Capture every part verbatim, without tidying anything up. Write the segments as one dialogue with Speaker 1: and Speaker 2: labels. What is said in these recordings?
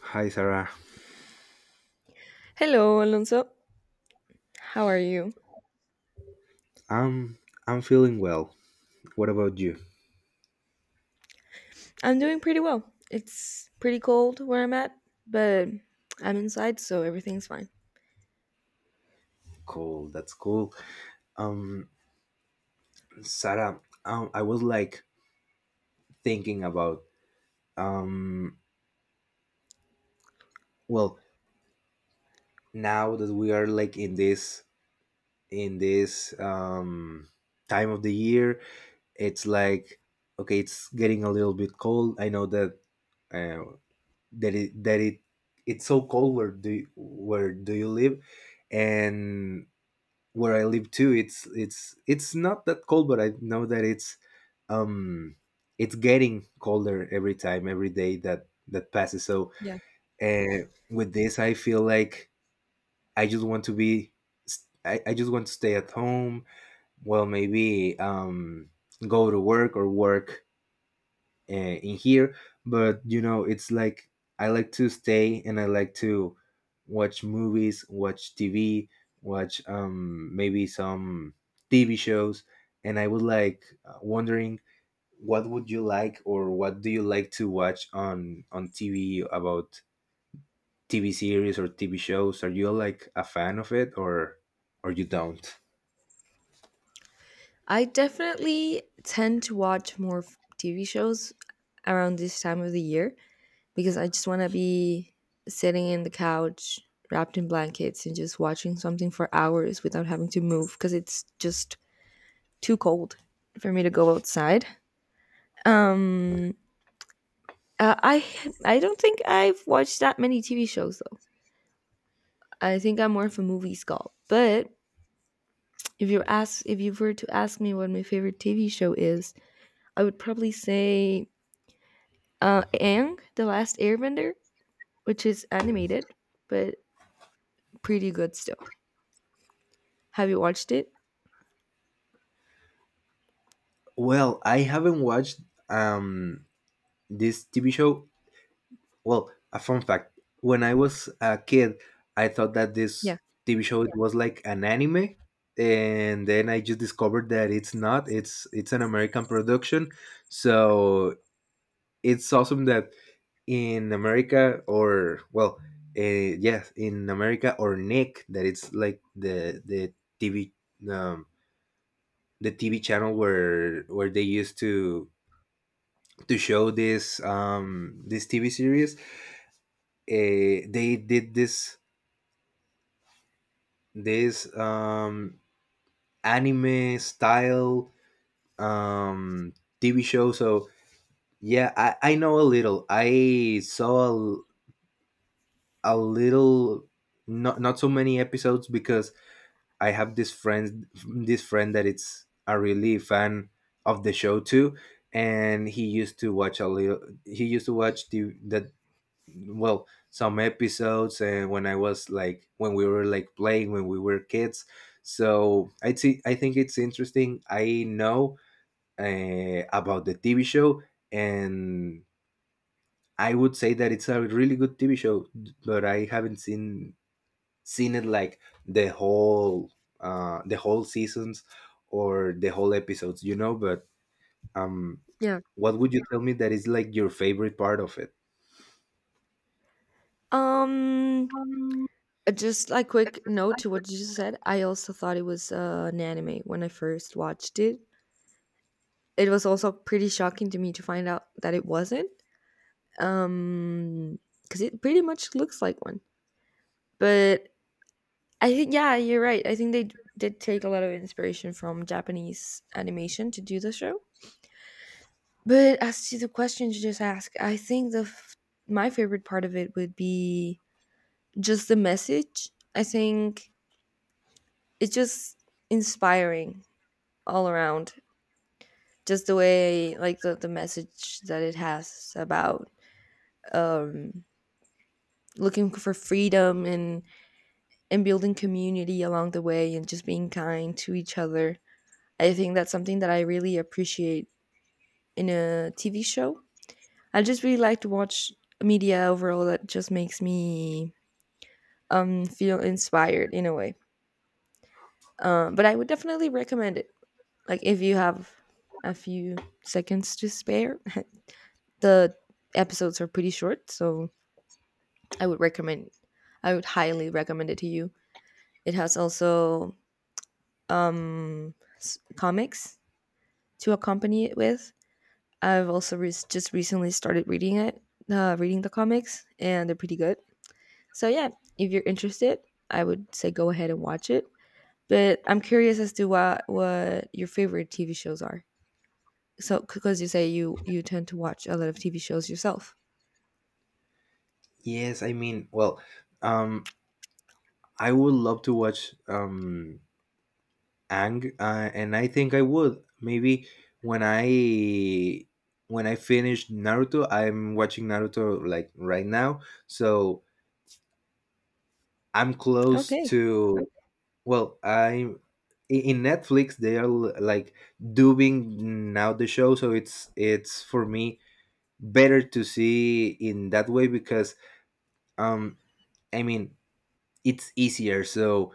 Speaker 1: Hi, Sarah.
Speaker 2: Hello, Alonso. How are you?
Speaker 1: Um, I'm feeling well. What about you?
Speaker 2: I'm doing pretty well. It's pretty cold where I'm at, but I'm inside, so everything's fine.
Speaker 1: Cool. That's cool. Um, Sarah, um, I was like thinking about, um, well, now that we are like in this, in this um time of the year, it's like okay, it's getting a little bit cold. I know that uh, that it that it it's so cold. Where do you, where do you live, and where I live too, it's it's it's not that cold, but I know that it's um it's getting colder every time, every day that that passes. So
Speaker 2: Yeah.
Speaker 1: uh, with this, I feel like I just want to be, I, I just want to stay at home. Well, maybe um go to work, or work uh, in here. But you know it's like, I like to stay, and I like to watch movies, watch TV, watch, um maybe some TV shows, and I would like, uh, wondering what would you like, or what do you like to watch on on TV? About TV series or TV shows, are you like a fan of it, or or you don't?
Speaker 2: I definitely tend to watch more f- T V shows around this time of the year because I just want to be sitting in the couch, wrapped in blankets, and just watching something for hours without having to move because it's just too cold for me to go outside. Um, uh, I I don't think I've watched that many T V shows. I think I'm more of a movie skull. But if you ask, if you were to ask me what my favorite T V show is, I would probably say uh, Aang, The Last Airbender, which is animated but pretty good still. Have you watched it?
Speaker 1: Well, I haven't watched, um this TV show. Well, a fun fact: when I was a kid, I thought that
Speaker 2: Yeah,
Speaker 1: this T V show, it was like an anime, and then I just discovered that it's not. It's it's an American production, so it's awesome that in America, or, well, uh, yes, in America, or Nick, that it's like the the T V um, the T V channel, where where they used to to show this um this T V series. Uh, they did this, this um anime style um TV show. So yeah, i i know a little. I saw, a, a little, not not so many episodes, because I have this friend this friend that it's a really fan of the show too. And he used to watch a little, he used to watch the that well some episodes, and when I was like, when we were like playing, when we were kids. So, I see. I think it's interesting. I know, uh, about the TV show, and I would say that it's a really good TV show, but I haven't seen seen it, like, the whole, uh the whole seasons or the whole episodes you know But, um
Speaker 2: yeah.
Speaker 1: what would you tell me that is like your favorite part of it?
Speaker 2: Um, uh, just a quick note to what you just said. I also thought it was uh, an anime when I first watched it. It was also pretty shocking to me to find out that it wasn't, um, because it pretty much looks like one. But I think yeah, you're right. I think they d- did take a lot of inspiration from Japanese animation to do the show. But as to the question you just asked, I think the f- my favorite part of it would be just the message. I think it's just inspiring all around. Just the way like the, the message that it has about um looking for freedom and and building community along the way and just being kind to each other. I think that's something that I really appreciate in a T V show. I just really like to watch media overall that just makes me um feel inspired in a way. Um, but I would definitely recommend it. Like if you have a few seconds to spare, the episodes are pretty short, so I would recommend. I would highly recommend it to you. It has also um s- comics to accompany it with. I've also re- just recently started reading it, uh, reading the comics, and they're pretty good. So yeah, if you're interested, I would say go ahead and watch it. But I'm curious as to what what your favorite T V shows are. So because you say you you tend to watch a lot of T V shows yourself.
Speaker 1: Yes, I mean, well, um I would love to watch, um Ang, uh, and I think I would. Maybe when I when I finish Naruto. I'm watching Naruto like right now, so I'm close
Speaker 2: Okay.
Speaker 1: to. Well, I'm i- in Netflix. They are l- like dubbing now the show, so it's it's for me better to see in that way, because, um I mean, it's easier. So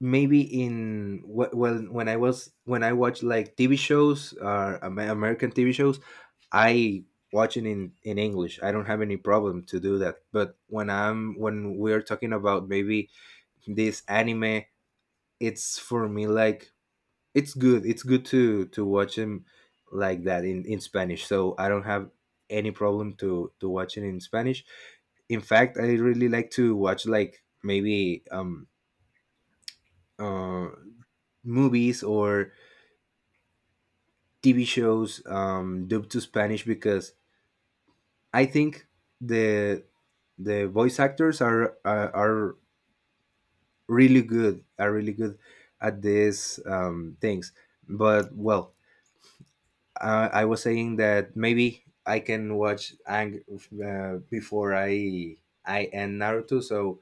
Speaker 1: maybe in wh- when when I was, when I watch like T V shows, or Amer- American T V shows, I watch it in in English. I don't have any problem to do that. But when I'm when we're talking about, maybe, this anime, it's for me, like, it's good. It's good to to watch him like that in in Spanish. So I don't have any problem to to watch it in Spanish. In fact, I really like to watch, like, maybe, um uh, movies or T V shows, um, dubbed to Spanish, because I think the the voice actors are, are, are really good, are really good at these, um, things. But, well, uh, I was saying that maybe I can watch Ang, uh, before I I end Naruto. So,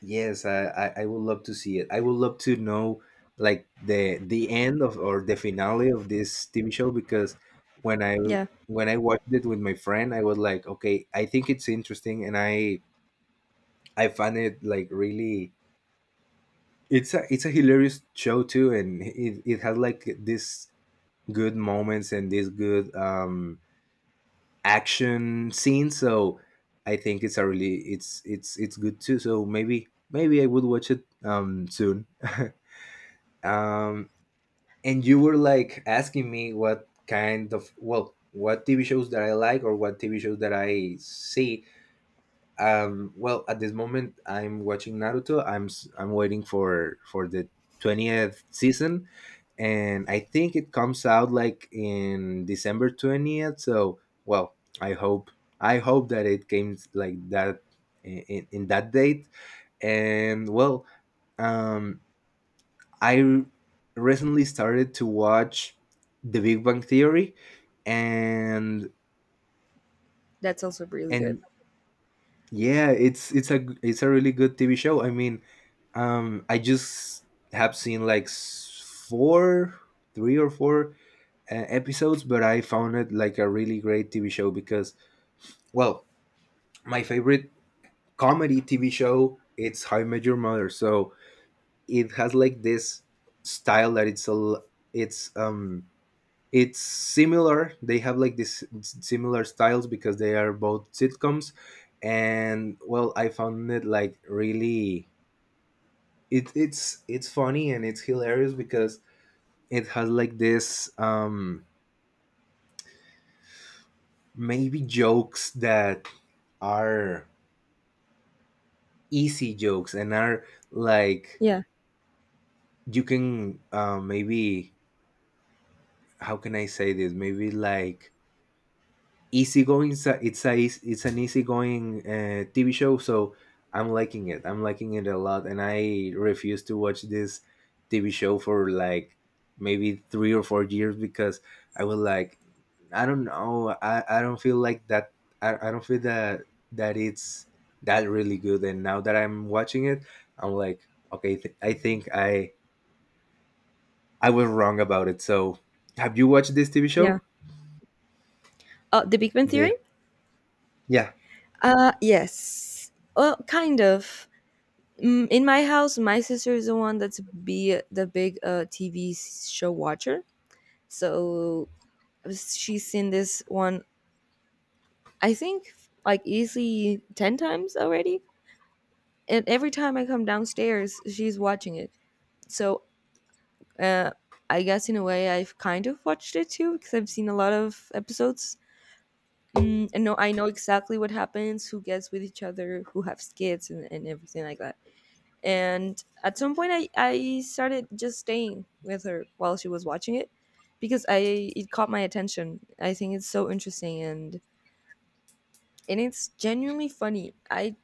Speaker 1: yes, I, I I would love to see it. I would love to know, like, the the end of, or the finale of, this T V show, because when I
Speaker 2: Yeah,
Speaker 1: when I watched it with my friend, I was like, okay, I think it's interesting, and I I found it like really, it's a it's a hilarious show too, and it it has like this good moments and this good, um action scenes. So I think it's a really it's it's it's good too. So maybe maybe I would watch it, um soon. um, and you were like asking me what kind of, well, what TV shows that I like, or what TV shows that I see. Um, well, at this moment I'm watching Naruto. i'm s- I'm waiting for for the twentieth season, and I think it comes out like in December twentieth. So, well, i hope i hope that it came like that in, in in that date. And, well, um I r- recently started to watch The Big Bang Theory, and
Speaker 2: that's also really good.
Speaker 1: and yeah, it's it's a g- it's a really good T V show. I mean, um, I just have seen, like, s- four, three or four, uh, episodes, but I found it like a really great T V show, because, well, my favorite comedy T V show it's How I Met Your Mother. So it has like this style that it's a l- it's um it's similar. They have like this similar styles, because they are both sitcoms, and, well, I found it like really, it, it's it's funny, and it's hilarious, because it has like this, um maybe, jokes that are easy jokes, and are like,
Speaker 2: Yeah,
Speaker 1: you can, uh, maybe, how can I say this, maybe, like, easygoing. It's a it's, a, it's an easygoing, uh, T V show. So I'm liking it. I'm liking it a lot, and I refuse to watch this T V show for like maybe three or four years, because I was like, I don't know, I, I don't feel like that. I, I don't feel that that it's that really good. And now that I'm watching it, I'm like, okay, th- I think I I was wrong about it. So, have you watched this T V
Speaker 2: yeah.
Speaker 1: show?
Speaker 2: Oh, The Big Bang Theory?
Speaker 1: The Yeah.
Speaker 2: Uh, yes. Well, kind of. Mm, In my house, my sister is the one that's be the big uh T V show watcher. So she's seen this one I think like easily ten times already. And every time I come downstairs, she's watching it. So uh, I guess in a way I've kind of watched it too because I've seen a lot of episodes. Mm, and no, I know exactly what happens, who gets with each other, who have kids, and, and everything like that. And at some point, I, I started just staying with her while she was watching it because I it caught my attention. I think it's so interesting and and it's genuinely funny. I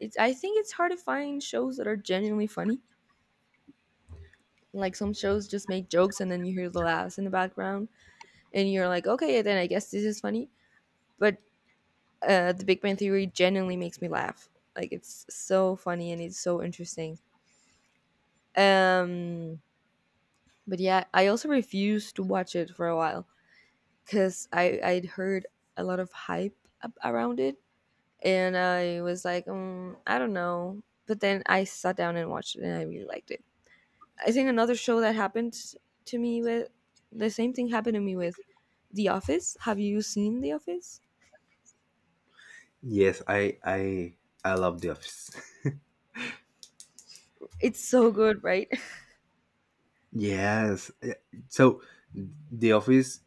Speaker 2: it's I think it's hard to find shows that are genuinely funny. Like some shows just make jokes and then you hear the laughs in the background and you're like, okay, yeah, then I guess this is funny. But uh, The Big Bang Theory genuinely makes me laugh. Like it's so funny and it's so interesting. Um, but yeah, I also refused to watch it for a while because I I'd heard a lot of hype ab- around it and I was like, um, I don't know. But then I sat down and watched it and I really liked it. I think another show that happened to me with the same thing happened to me with The Office. Have you seen The Office?
Speaker 1: Yes, I I I love The Office.
Speaker 2: It's so good, right?
Speaker 1: Yes. eh, So, The Office,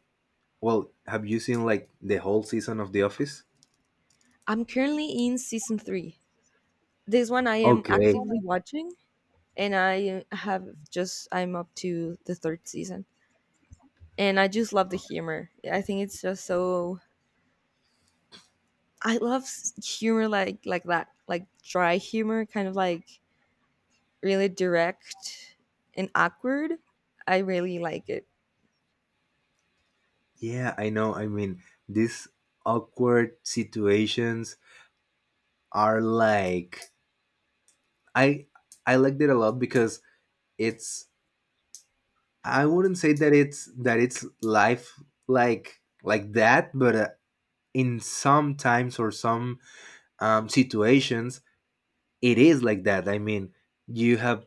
Speaker 1: well, have you seen, like, the whole season of The Office?
Speaker 2: I'm currently in season three. This one I am
Speaker 1: Okay.
Speaker 2: actively watching, and I have just, I'm up to the third season. And I just love the humor. I think it's just so, I love s- humor like, like that, like dry humor, kind of like really direct and awkward. I really like it.
Speaker 1: Yeah, I know. I mean, these awkward situations are like, I I liked it a lot, because it's, I wouldn't say that it's that it's life, like like that, but, uh, in some times, or some, um, situations, it is like that, I mean, you have,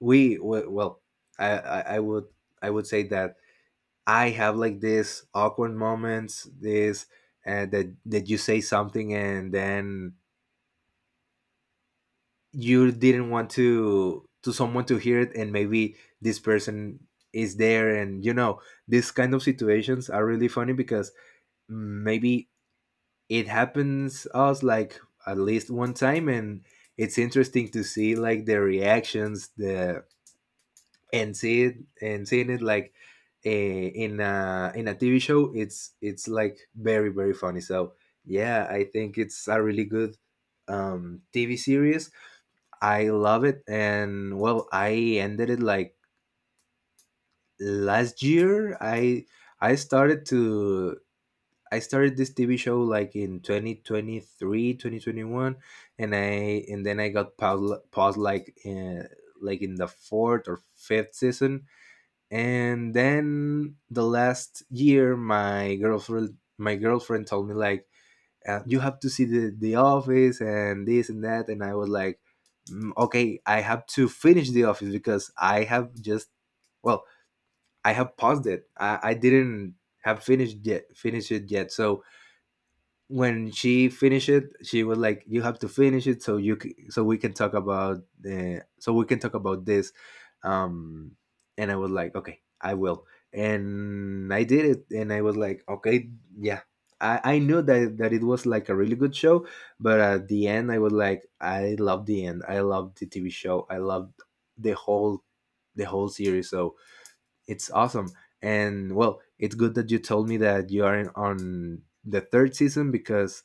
Speaker 1: we we- well I, I i would i would say that I have, like, this awkward moments, this uh, that that you say something, and then you didn't want to to someone to hear it, and maybe this person is there, and you know these kind of situations are really funny, because maybe it happens us, like, at least one time, and it's interesting to see, like, the reactions, the and see it and seeing it, like, uh, in a, in a T V show. It's it's like, very very funny. So yeah, I think it's a really good, um, T V series. I love it, and, well, I ended it like last year. I I started to I started this T V show like in twenty twenty three, twenty twenty one, and I and then I got, paused, paused, like, uh, like in the fourth or fifth season. And then, the last year, my girlfriend my girlfriend told me like, uh, "You have to see the, the Office, and this and that." And I was like, "Mm, okay, I have to finish The Office, because I have just, well, I have paused it. I, I didn't have finished yet finish it yet." So, when she finished it, she was like, "You have to finish it, so you c- so we can talk about the so we can talk about this." Um, and I was like, "Okay, I will." And I did it, and I was like, "Okay, yeah." I, I knew that that it was like a really good show. But at the end, I was like, "I love the end. I love the T V show. I loved the whole the whole series. So it's awesome." And, well, it's good that you told me that you are in, on the third season, because,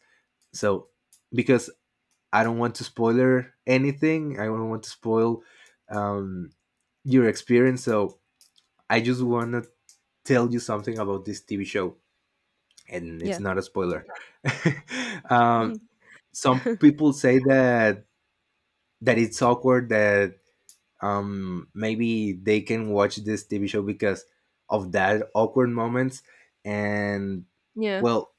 Speaker 1: so because I don't want to spoiler anything, I don't want to spoil, um, your experience. So I just want to tell you something about this T V show, and it's
Speaker 2: Yeah.
Speaker 1: not a spoiler. um,
Speaker 2: Mhm.
Speaker 1: some people say that that it's awkward, that, um, maybe they can watch this T V show because of that awkward moments, and,
Speaker 2: Yeah.
Speaker 1: well,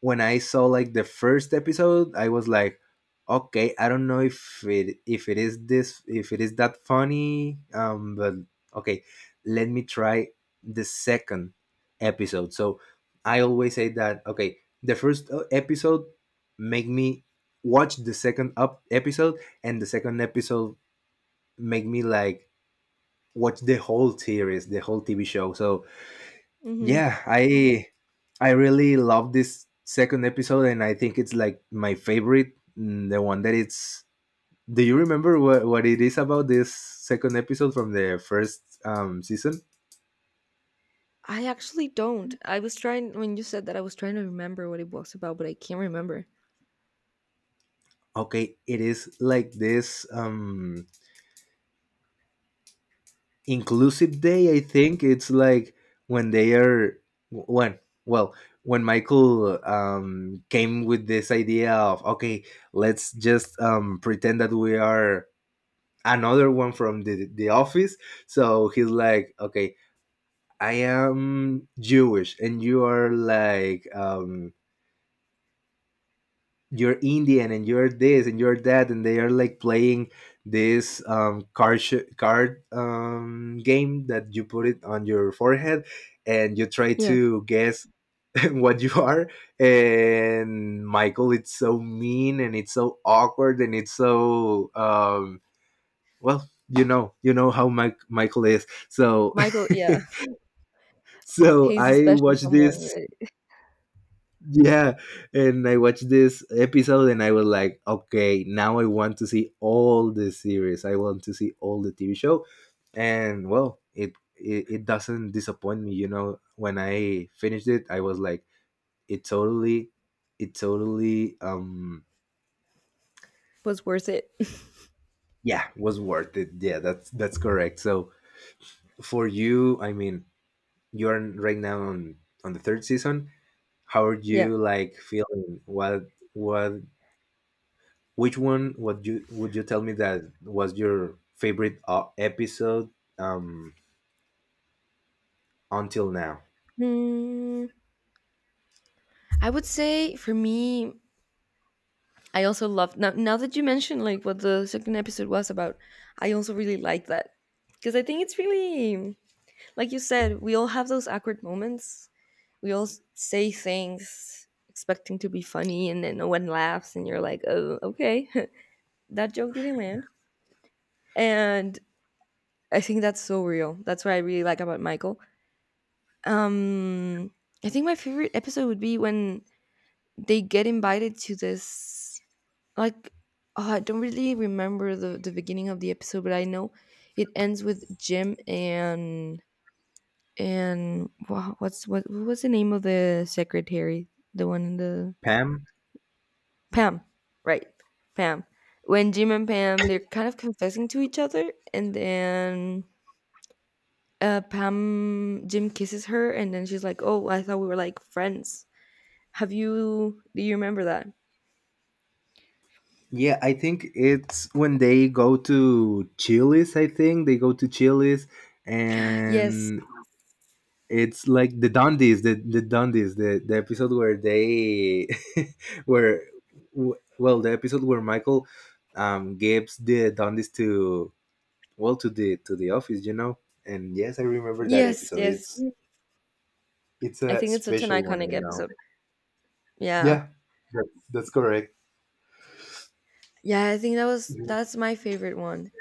Speaker 1: when I saw like the first episode, I was like, okay, I don't know if it if it is this, if it is that funny, um, but okay, let me try the second episode. So I always say that, okay, the first, uh, episode make me watch the second up episode, and the second episode make me like watch the whole series, the whole T V show. So
Speaker 2: Mhm.
Speaker 1: yeah, I I really love this second episode, and I think it's like my favorite. mm, The one that it's. Do you remember what what it is about this second episode from the first, um, season?
Speaker 2: I actually don't. I was trying when you said that I was trying to remember what it was about, but I can't remember.
Speaker 1: Okay, it is like this um, inclusive day. I think it's like when they are when well when Michael um, came with this idea of okay, let's just um, pretend that we are another one from the the office. So he's like, okay, I am Jewish, and you are like, um, you're Indian, and you're this, and you're that, and they are like playing this um, card sh- card um, game that you put it on your forehead, and you try
Speaker 2: Yeah.
Speaker 1: to guess what you are. And Michael, it's so mean, and it's so awkward, and it's so um well you know you know how Mike, michael is so.
Speaker 2: Michael, yeah.
Speaker 1: so
Speaker 2: He's a
Speaker 1: I
Speaker 2: special
Speaker 1: watched
Speaker 2: someone.
Speaker 1: this
Speaker 2: It
Speaker 1: Yeah, and I watched this episode and I was like, okay, now I want to see all the series, I want to see all the TV show. And well it it, it doesn't disappoint me you know When I finished it, I was like, it totally, it totally um
Speaker 2: was worth it.
Speaker 1: Yeah, was worth it, yeah, that's that's correct. So for you, I mean, you're right now on on the third season. How are
Speaker 2: Yeah.
Speaker 1: you like feeling? What what which one would you would you tell me that was your favorite uh, episode um until now?
Speaker 2: Hmm. I would say for me, I also love now now that you mentioned like what the second episode was about, I also really like that. Because I think it's really like you said, we all have those awkward moments. We all s- say things expecting to be funny, and then no one laughs, and you're like, oh, okay, that joke didn't land. And I think that's so real. That's what I really like about Michael. Um, I think my favorite episode would be when they get invited to this, like, oh, I don't really remember the, the beginning of the episode, but I know it ends with Jim and and wha- what's what, what was the name of the secretary, the one in the,
Speaker 1: Pam?
Speaker 2: Pam? Right, Pam. When Jim and Pam, they're kind of confessing to each other, and then uh, Pam, Jim kisses her, and then she's like, oh, I thought we were like friends. Have you, do you remember that?
Speaker 1: Yeah, I think it's when they go to Chili's, I think they go to Chili's,
Speaker 2: Yes,
Speaker 1: and it's like the Dundies, the the Dundies, the the episode where they where w- well the episode where Michael um gives the Dundies to, well, to the to the office, you know. And yes, I remember that
Speaker 2: yes,
Speaker 1: episode.
Speaker 2: yes.
Speaker 1: It's it's
Speaker 2: I
Speaker 1: a
Speaker 2: think it's such an
Speaker 1: special one,
Speaker 2: iconic
Speaker 1: I know.
Speaker 2: episode. Yeah.
Speaker 1: Yeah, that- that's correct.
Speaker 2: Yeah, I think that was that's my favorite one,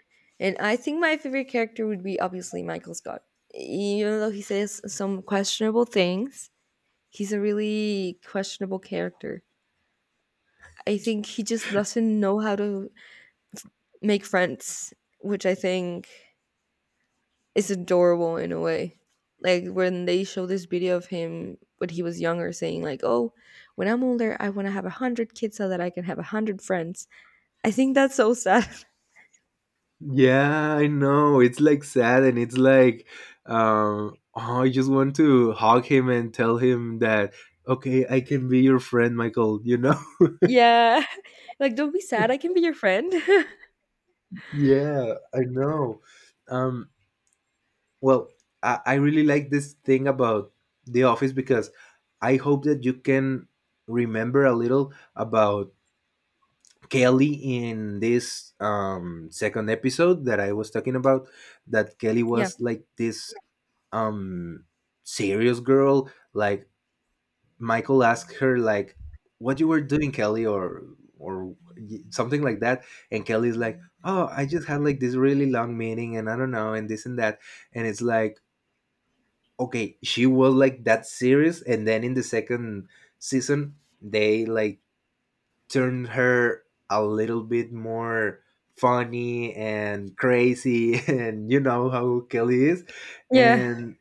Speaker 2: and I think my favorite character would be obviously Michael Scott. Even though he says some questionable things, he's a really questionable character. I think he just doesn't know how to make friends, which I think is adorable in a way. Like when they show this video of him when he was younger, saying like, "Oh, when I'm older, I want to have a hundred kids so that I can have a hundred friends." I think that's so sad.
Speaker 1: Yeah, I know. It's like sad, and it's like, um, oh, I just want to hug him and tell him that, okay, I can be your friend, Michael. You know.
Speaker 2: Yeah. Like, "Don't be sad, I can be your friend."
Speaker 1: Yeah, I know. Um, well, I, I really like this thing about The Office because I hope that you can remember a little about Kelly in this um, second episode that I was talking about. That Kelly
Speaker 2: Yeah.
Speaker 1: was like this um, serious girl, like Michael asked her like, "What you were doing, Kelly?" or or y- something like that, and Kelly's like, "Oh, I just had like this really long meeting, and I don't know, and this and that," and it's like, okay, she was like that serious, and then in the second season, they like turned her a little bit more funny and crazy, and you know how Kelly is,
Speaker 2: Yeah.
Speaker 1: and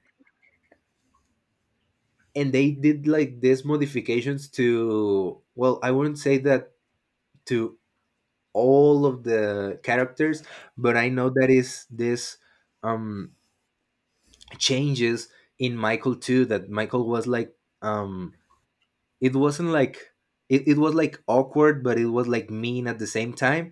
Speaker 1: and they did like these modifications to, well, I wouldn't say that to all of the characters, but I know that is this um changes in Michael too, that Michael was like, um it wasn't like, it, it was like awkward, but it was like mean at the same time.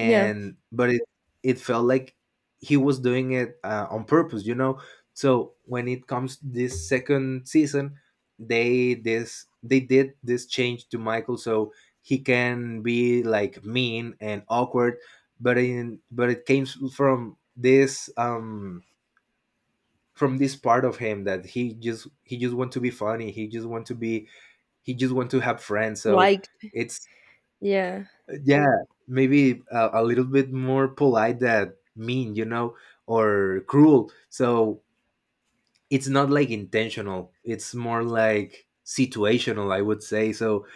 Speaker 2: Yeah.
Speaker 1: but it it felt like he was doing it uh, on purpose, you know. So when it comes this second season, they this they did this change to Michael, so he can be like mean and awkward, but in but it came from this um from this part of him that he just he just want to be funny, he just want to be, he just want to have friends. So
Speaker 2: Liked.
Speaker 1: it's,
Speaker 2: Yeah.
Speaker 1: yeah, maybe a, a little bit more polite than mean, you know, or cruel. So it's not like intentional, it's more like situational, I would say. So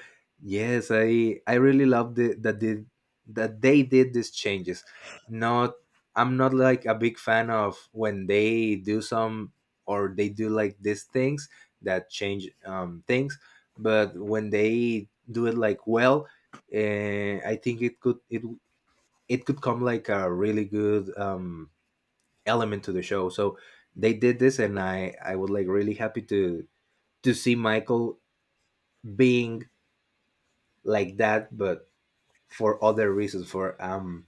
Speaker 1: yes, i i really love the, that the, that they did these changes. Not, I'm not like a big fan of when they do some, or they do like these things that change um, things, but when they do it like well, uh, I think it could it it could come like a really good um element to the show. So they did this, and I I was like really happy to to see Michael being like that, but for other reasons, for um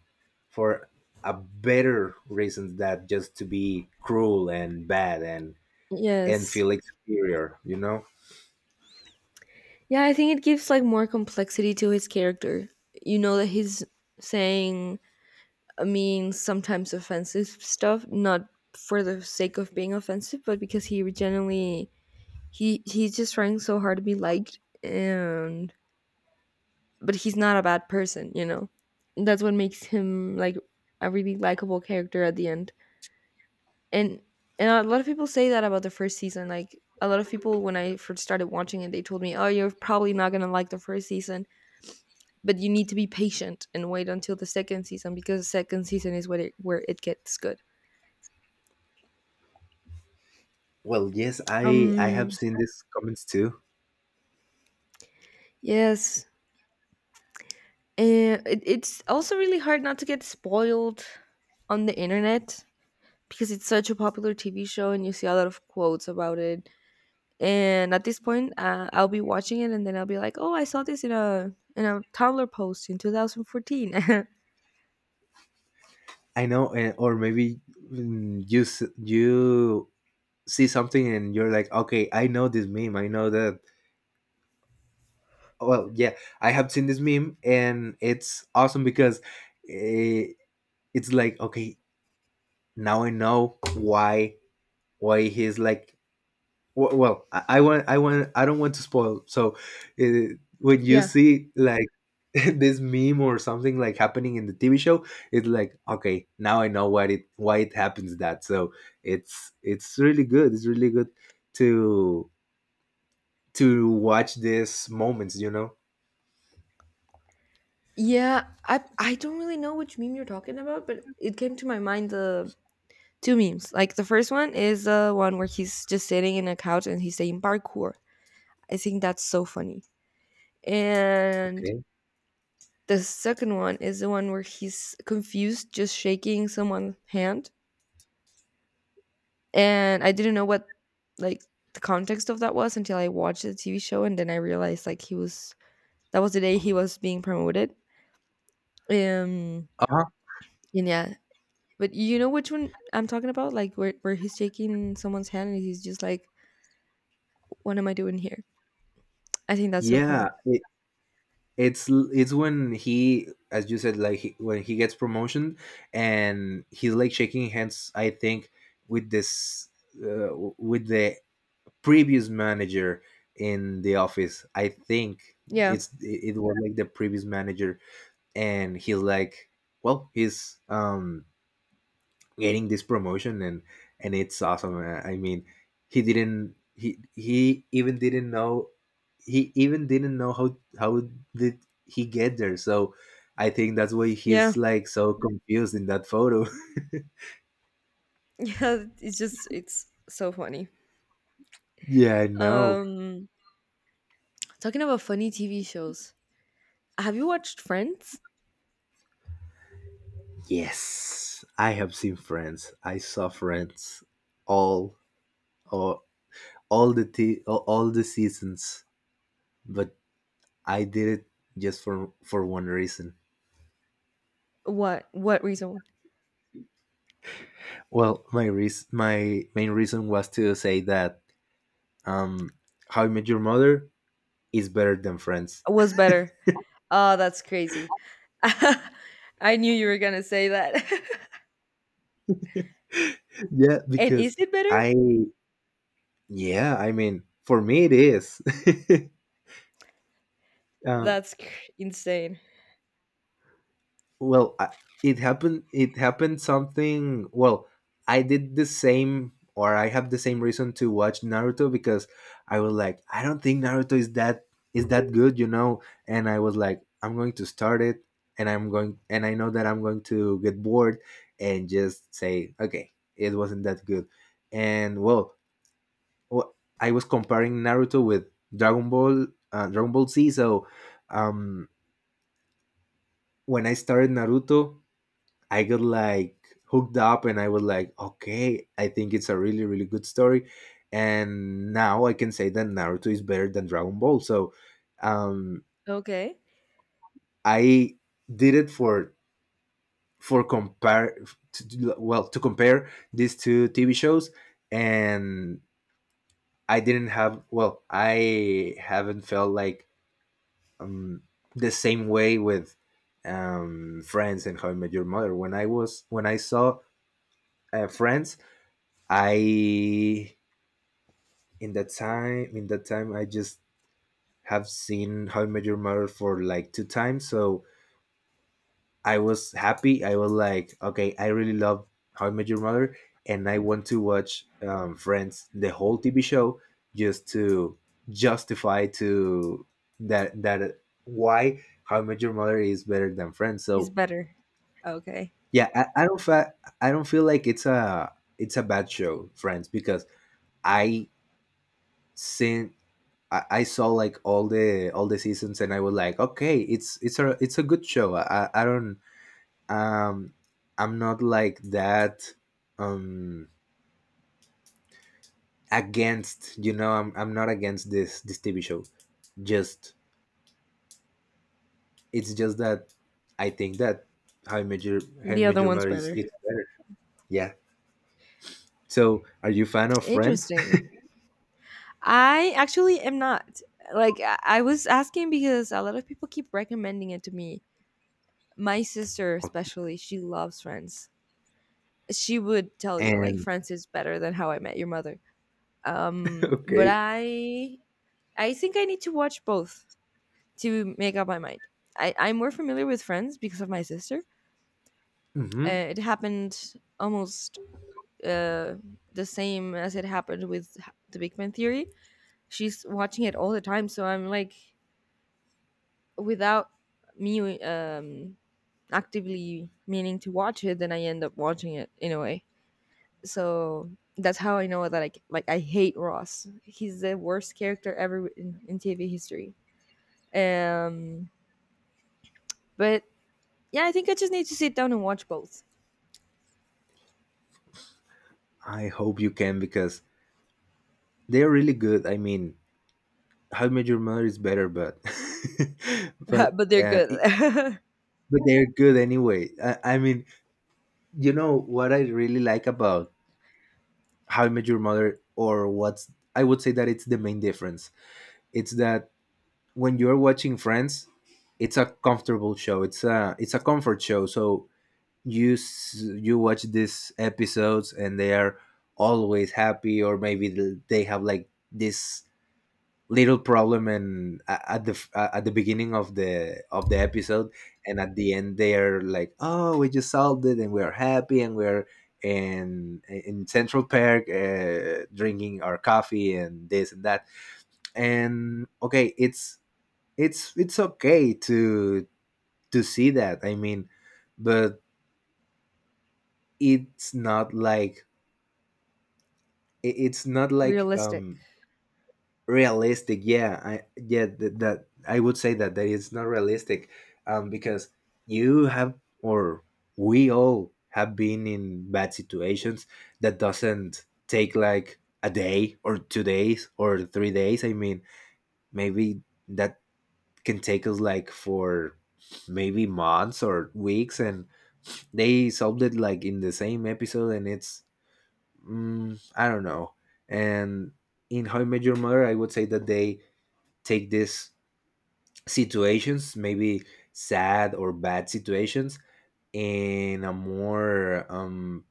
Speaker 1: for a better reasons that just to be cruel and bad, and and
Speaker 2: Yes.
Speaker 1: feel like superior, you know.
Speaker 2: Yeah, I think it gives, like, more complexity to his character. You know that he's saying, I mean, sometimes offensive stuff, not for the sake of being offensive, but because he genuinely he he's just trying so hard to be liked and but he's not a bad person, you know? That's what makes him, like, a really likable character at the end. And and a lot of people say that about the first season. Like a lot of people when I first started watching it, they told me, "Oh, you're probably not going to like the first season, but you need to be patient and wait until the second season because the second season is where it, where it gets good."
Speaker 1: Well, yes, I I have
Speaker 2: Um
Speaker 1: seen these comments too.
Speaker 2: yes. And it, it's also really hard not to get spoiled on the internet because it's such a popular T V show and you see a lot of quotes about it and at this point uh, I'll be watching it and then I'll be like, oh, I saw this in a in a tumblr post in two thousand fourteen.
Speaker 1: I know, and, or maybe, mm, you s- you see something and you're like, okay, I know this meme. I know that. Well, yeah, I have seen this meme, and it's awesome because, eh, it's like, okay, now I know why why he's like. w- Well, I, I want, I want, I don't want to spoil. So, uh, when you
Speaker 2: Yeah,
Speaker 1: see like this meme or something like happening in the T V show, it's like, okay, now I know why it why it happens that. So it's it's really good. It's really good to to watch these moments, you know?
Speaker 2: yeah. I i don't really know which meme you're talking about, but it came to my mind the two memes. Like the first one is the one where he's just sitting in a couch and he's saying parkour. I think that's so funny. And
Speaker 1: Okay.
Speaker 2: the second one is the one where he's confused just shaking someone's hand. And I didn't know what like the context of that was until I watched the T V show and then I realized like he was that was the day he was being promoted. Um
Speaker 1: Uh-huh.
Speaker 2: and yeah. But you know which one I'm talking about? Like where where he's shaking someone's hand and he's just like, what am I doing here? I think that's so
Speaker 1: Yeah,
Speaker 2: funny.
Speaker 1: it, it's it's when he, as you said, like he, when he gets promotion and he's like shaking hands. I think with this uh, with the previous manager in the office. I think
Speaker 2: Yeah.
Speaker 1: it's it, it was like the previous manager, and he's like, well, he's um getting this promotion, and and it's awesome. Uh, I mean, he didn't he he even didn't know, he even didn't know how how did he get there. So I think that's why
Speaker 2: Yeah.
Speaker 1: he's like so confused in that photo.
Speaker 2: Yeah. It's just it's so funny.
Speaker 1: Yeah, I know.
Speaker 2: Um talking about funny T V shows. Have you watched Friends?
Speaker 1: Yes, I have seen Friends, I saw Friends all, all, all the t- all all the seasons, but I did it just for for one reason.
Speaker 2: What what reason
Speaker 1: Well, my reas my main reason was to say that, um, How I Met Your Mother is better than Friends.
Speaker 2: was better? Oh, that's crazy. I knew you were gonna say that.
Speaker 1: Yeah,
Speaker 2: And
Speaker 1: because
Speaker 2: is it better?
Speaker 1: I yeah, I mean, for me it is. uh,
Speaker 2: That's cr- Insane.
Speaker 1: well I, it happened it happened something. Well, I did the same, or I have the same reason to watch Naruto, because I was like, I don't think Naruto is that, is that good, you know, and I was like, I'm going to start it, and i'm going and I know that I'm going to get bored and just say, okay, it wasn't that good. And well, wh- I was comparing Naruto with Dragon Ball, uh, Dragon Ball Z. So um when I started Naruto, I got like hooked up, and I was like, okay, I think it's a really, really good story. And now I can say that Naruto is better than Dragon Ball. So, um,
Speaker 2: Okay.
Speaker 1: I did it for for compare to, to- well to compare these two T V shows. And I didn't have, well I haven't felt like, um, the same way with um, Friends and How I Met Your Mother. When I was, when I saw uh, Friends, I in that time in that time I just have seen How I Met Your Mother for like two times, so I was happy. I was like, okay, I really love How I Met Your Mother, and I want to watch um, Friends, the whole T V show, just to justify to that that why How I Met Your Mother is better than Friends.
Speaker 2: It's
Speaker 1: So
Speaker 2: better. Okay.
Speaker 1: yeah, I, I don't fa- I don't feel like it's a, it's a bad show, Friends, because I seen I, I saw like all the all the seasons, and I was like, okay, it's it's a, it's a good show. I, I don't, um I'm not like that, um against, you know, I'm I'm not against this this T V show. Just, it's just that I think that How I Met Your How I
Speaker 2: The
Speaker 1: Met
Speaker 2: other
Speaker 1: Your
Speaker 2: one's
Speaker 1: Mother is,
Speaker 2: better.
Speaker 1: it's better. Yeah. So are you fan of Friends?
Speaker 2: Interesting. I actually am not. Like, I I was asking because a lot of people keep recommending it to me. My sister,
Speaker 1: Okay.
Speaker 2: especially, she loves Friends. She would tell you, like,
Speaker 1: And
Speaker 2: Friends is better than How I Met Your Mother. Um, but
Speaker 1: okay.
Speaker 2: I. I think I need to watch both to make up my mind. I, I'm more familiar with Friends because of my sister.
Speaker 1: Hmm.
Speaker 2: Uh, it happened almost uh, the same as it happened with The Big Bang Theory. She's watching it all the time, so I'm like, without me um, actively meaning to watch it, then I end up watching it in a way. So that's how I know that I c- like I hate Ross. He's the worst character ever in, in T V history. Um, but yeah, I think I just need to sit down and watch both.
Speaker 1: I hope you can, because they're really good. I mean, How I Met Your Mother is better, but but
Speaker 2: But they're
Speaker 1: uh, it,
Speaker 2: good.
Speaker 1: but they're good anyway. I, I mean, you know what I really like about How I Met Your Mother, or what's I would say that it's the main difference. It's that when you're watching Friends, it's a comfortable show. It's a it's a comfort show. So you s- you watch these episodes and they are always happy, or maybe th- they have like this little problem and a- at the f- uh, at the beginning of the of the episode, and at the end they're like, oh, we just solved it and we're happy and we're in in Central Park, uh, drinking our coffee and this and that. And okay, it's it's it's okay to to see that, I mean. But it's not like, it- it's not like,
Speaker 2: Realistic.
Speaker 1: um realistic. Yeah, i yeah th- that I would say that that is not realistic, um because, you have or we all have been in bad situations that doesn't take like a day or two days or three days, I mean. Maybe that can take us like for maybe months or weeks, and they solved it like in the same episode, and it's, mm, I don't know. And in How I Met Your Mother, I would say that they take these situations, maybe sad or bad situations, in a more, um,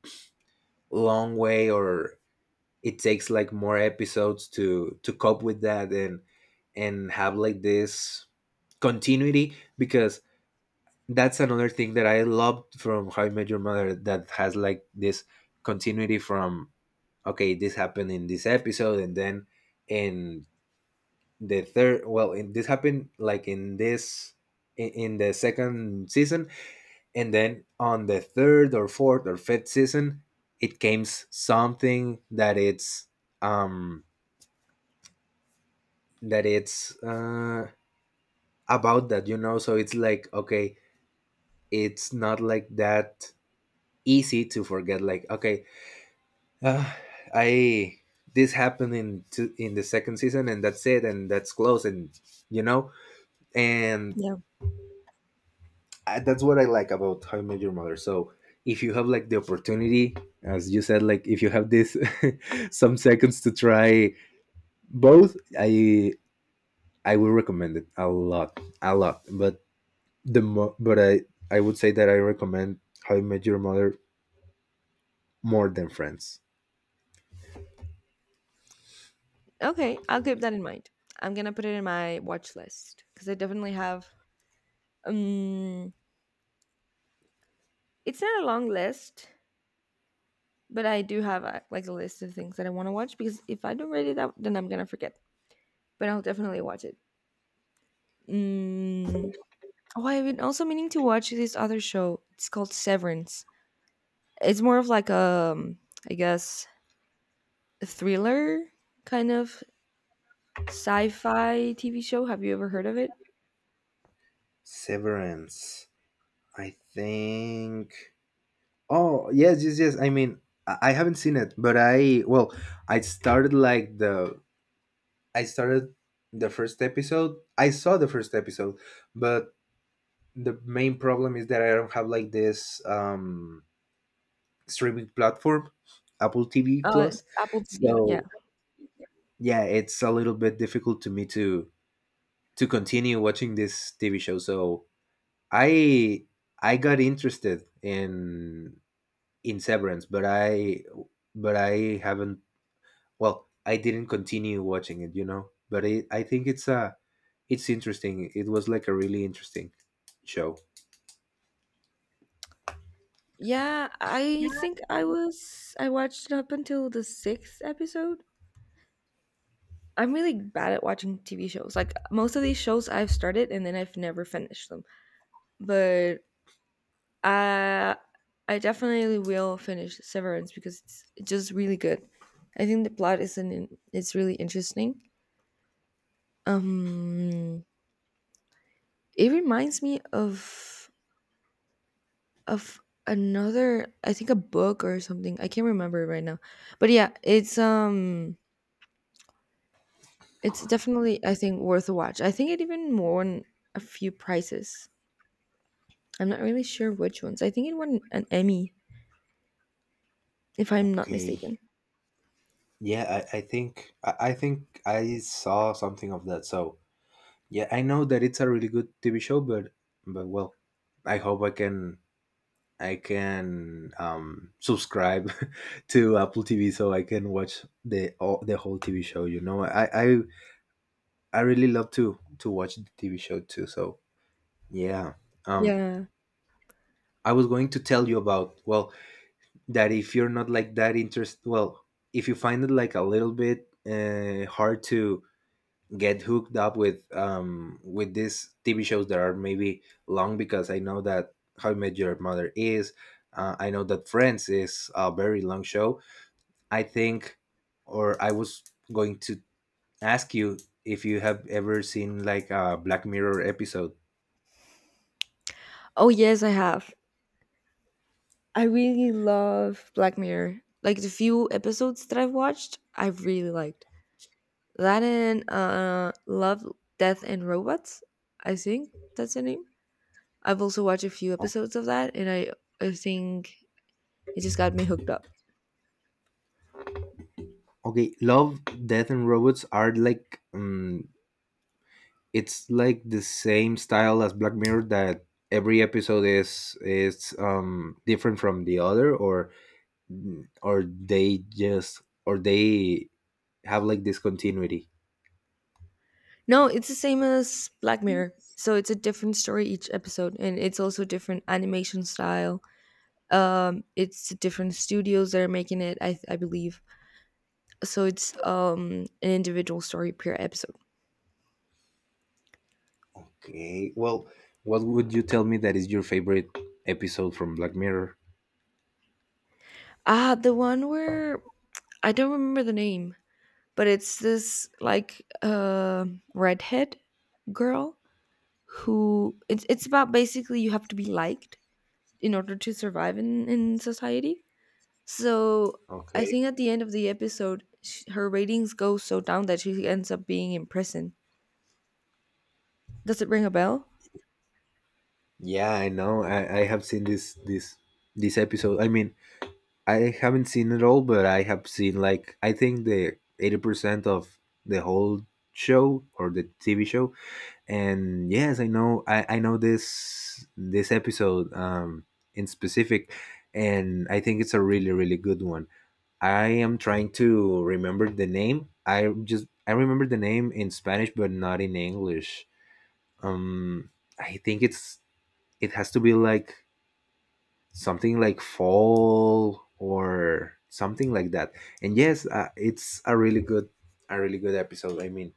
Speaker 1: long way, or it takes like more episodes to to cope with that, and and have like this continuity, because that's another thing that I loved from How I Met Your Mother, that has like this continuity from, okay, this happened in this episode, and then in the third, well, in, this happened like in this, in, in the second season, and then on the third or fourth or fifth season it came s- something that it's um that it's uh about that, you know so it's like, okay, it's not like that easy to forget, like, okay, uh, I this happened in to, in the second season, and that's it, and that's close, and you know and
Speaker 2: Yeah.
Speaker 1: I, that's what I like about How I Met Your Mother. So if you have like the opportunity, as you said, like if you have this some seconds to try both, I I will recommend it a lot, a lot. But the mo- but I I would say that I recommend How I Met Your Mother more than Friends.
Speaker 2: Okay, I'll keep that in mind. I'm gonna put it in my watch list because I definitely have. Um, it's not a long list, but I do have a, like a list of things that I want to watch because if I don't write it out, then I'm gonna forget. But I'll definitely watch it. Mm. Oh, I've been also meaning to watch this other show. It's called Severance. It's more of like a, um, I guess, a thriller kind of sci-fi T V show. Have you ever heard of it?
Speaker 1: Severance. I think. Oh yes, yes, yes. I mean, I I haven't seen it, but I well, I started like the I started the first episode. I saw the first episode, but the main problem is that I don't have like this, um, streaming platform, Apple T V
Speaker 2: Uh, it's
Speaker 1: Plus.
Speaker 2: Apple T V. Yeah.
Speaker 1: So yeah, it's a little bit difficult to me to to continue watching this T V show. So I I got interested in in Severance, but I but I haven't well I didn't continue watching it, you know but i i think it's uh it's interesting, it was like a really interesting show.
Speaker 2: Yeah, I think I was I watched up until the sixth episode. I'm really bad at watching T V shows. Like most of these shows I've started and then I've never finished them. But I I definitely will finish Severance because it's just really good. I think the plot is an it's really interesting. Um it reminds me of of another I think a book or something. I can't remember right now. But yeah, it's um it's definitely I think worth a watch. I think it even won a few prizes. I'm not really sure which ones. I think it won an Emmy, if I'm not
Speaker 1: Okay,
Speaker 2: mistaken.
Speaker 1: yeah, i, I think I, I think i saw something of that, so yeah, I know that it's a really good TV show, but but well I hope i can i can, um subscribe to Apple TV, so I can watch the all, the whole TV show. You know i i i really love to to watch the TV show too, so yeah. um
Speaker 2: Yeah.
Speaker 1: I was going to tell you about, well, that if you're not like that, interest well, if you find it like a little bit, uh, hard to get hooked up with, um with these T V shows that are maybe long, because I know that How I Met Your Mother is, uh, I know that Friends is a very long show, I think. Or I was going to ask you if you have ever seen like a Black Mirror episode.
Speaker 2: Oh yes, I have. I really love Black Mirror. Like the few episodes that I've watched, I have really liked. That and uh Love, Death and Robots, I think that's the name. I've also watched a few episodes of that, and I I think it just got me hooked up.
Speaker 1: Okay. Love, Death and Robots are like, um it's like the same style as Black Mirror, that every episode is is um different from the other, or or they just or they have like discontinuity.
Speaker 2: No, it's the same as Black Mirror. So it's a different story each episode, and it's also different animation style. Um, it's different studios that are making it, I, I believe. So it's um an individual story per episode.
Speaker 1: Okay. Well, what would you tell me that is your favorite episode from Black Mirror?
Speaker 2: Ah, uh, the one where I don't remember the name, but it's this like uh redhead girl who it's it's about basically you have to be liked in order to survive in, in society. So I
Speaker 1: Okay.
Speaker 2: think at the end of the episode, sh her ratings go so down that she ends up being in prison. Does it ring a bell?
Speaker 1: Yeah, I know. I, I have seen this this this episode. I mean, I haven't seen it all, but I have seen like I think the eighty percent of the whole show or the T V show. And yes, i know i, I know this this episode, um in specific. And I think it's a really really good one. I am trying to remember the name. i just I remember the name in Spanish but not in English. um I think it's it has to be like something like fall or something like that. And yes, uh, it's a really good, a really good episode, I mean.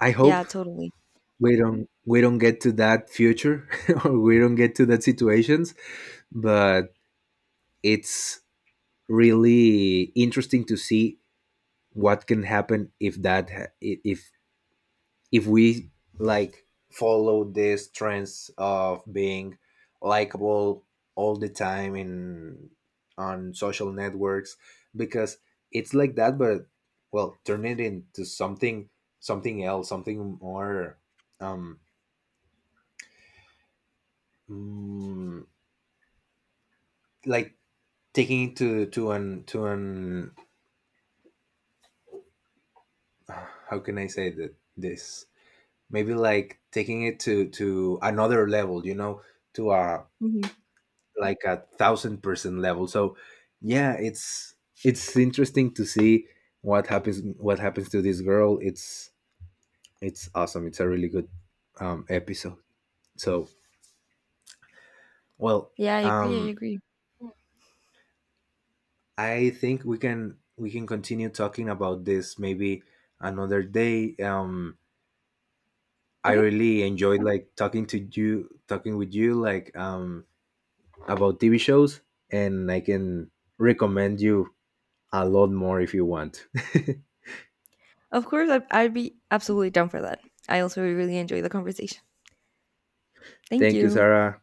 Speaker 1: I hope
Speaker 2: Yeah, totally.
Speaker 1: we don't we don't get to that future or we don't get to that situations, but it's really interesting to see what can happen if, that ha- i- if if we like follow these trends of being likable all the time, in on social networks, because it's like that. But, well, turn it into something something else, something more, um mm, like, taking it to to an to an, how can I say that, this, maybe like, taking it to to another level, you know, to a,
Speaker 2: Hmm.
Speaker 1: like, a thousand percent level. So yeah, it's it's interesting to see what happens what happens to this girl. It's it's awesome. It's a really good, um, episode. So, well,
Speaker 2: Yeah, I agree. I
Speaker 1: um,
Speaker 2: agree.
Speaker 1: I think we can we can continue talking about this maybe another day. Um, I
Speaker 2: Okay.
Speaker 1: really enjoyed like talking to you, talking with you, like, um about T V shows, and I can recommend you a lot more if you want.
Speaker 2: Of course, I, I'd be absolutely down for that. I also really enjoy the conversation. Thank
Speaker 1: Thank you,
Speaker 2: you.
Speaker 1: Sarah.